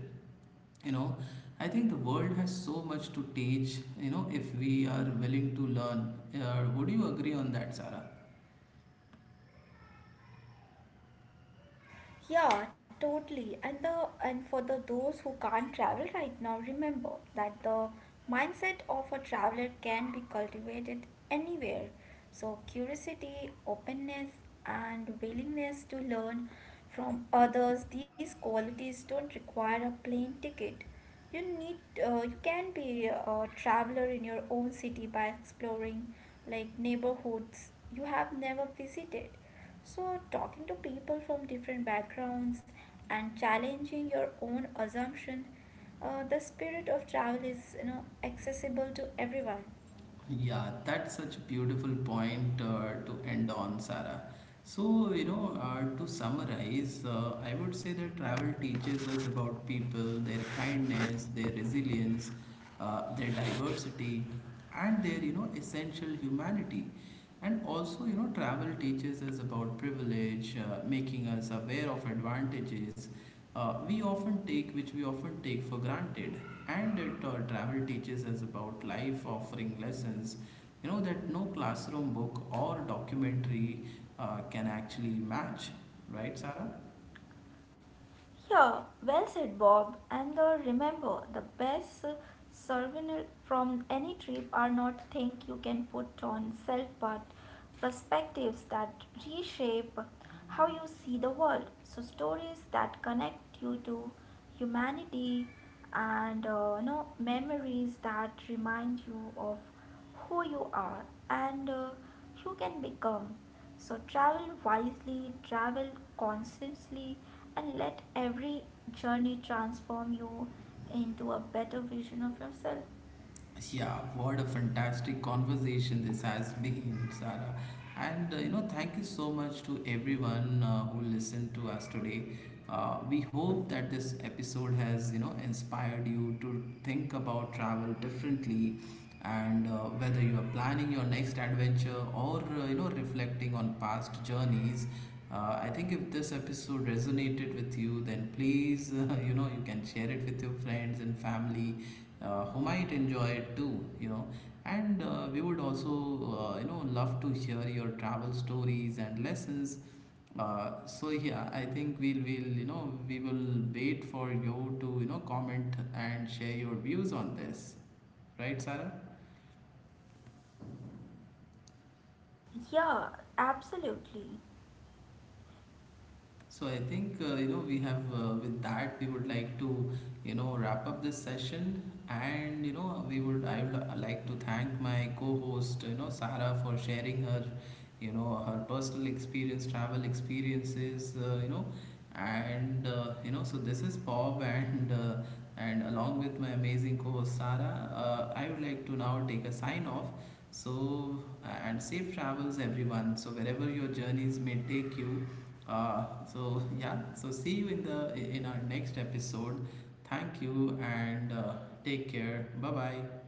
Speaker 1: you know. I think the world has so much to teach, you know, if we are willing to learn. Would you agree on that, Sarah?
Speaker 2: Yeah, totally. And the and for the those who can't travel right now, remember that the mindset of a traveler can be cultivated anywhere. So curiosity, openness, and willingness to learn from others, these qualities don't require a plane ticket. You need you can be a traveler in your own city by exploring like neighborhoods you have never visited. So talking to people from different backgrounds and challenging your own assumption, the spirit of travel is accessible to everyone.
Speaker 1: Yeah, that's such a beautiful point to end on, Sarah. So, you know, to summarize, I would say that travel teaches us about people, their kindness, their resilience, their diversity, and their, you know, essential humanity. And also, you know, travel teaches us about privilege, making us aware of advantages we often take which we often take for granted. And it Travel teaches us about life, offering lessons you know that no classroom book or documentary can actually match, right, Sarah?
Speaker 2: Yeah, well said, Bob. And the, remember, the best souvenir from any trip are not things you can put on self but perspectives that reshape how you see the world. So, stories that connect you to humanity and memories that remind you of who you are and you can become. So travel wisely, travel consciously, and let every journey transform you into a better version of yourself.
Speaker 1: Yeah, what a fantastic conversation this has been, Sarah. And you know thank you so much to everyone who listened to us today. We hope that this episode has you know inspired you to think about travel differently. And whether you are planning your next adventure or you know reflecting on past journeys, I think if this episode resonated with you then please you know you can share it with your friends and family who might enjoy it too, you know. And we would also you know love to hear your travel stories and lessons. So yeah, I think we'll will you know we will wait for you to you know comment and share your views on this, right, Sarah?
Speaker 2: Yeah, absolutely.
Speaker 1: So I think you know we have with that we would like to you know wrap up this session. And you know we would I would like to thank my co-host, you know, Sarah, for sharing her personal experience, travel experiences, you know. And you know so this is Bob and along with my amazing co-host Sarah, I would like to now take a sign off. So and safe travels everyone, so wherever your journeys may take you. So yeah, so see you in the in our next episode. Thank you and take care. Bye bye.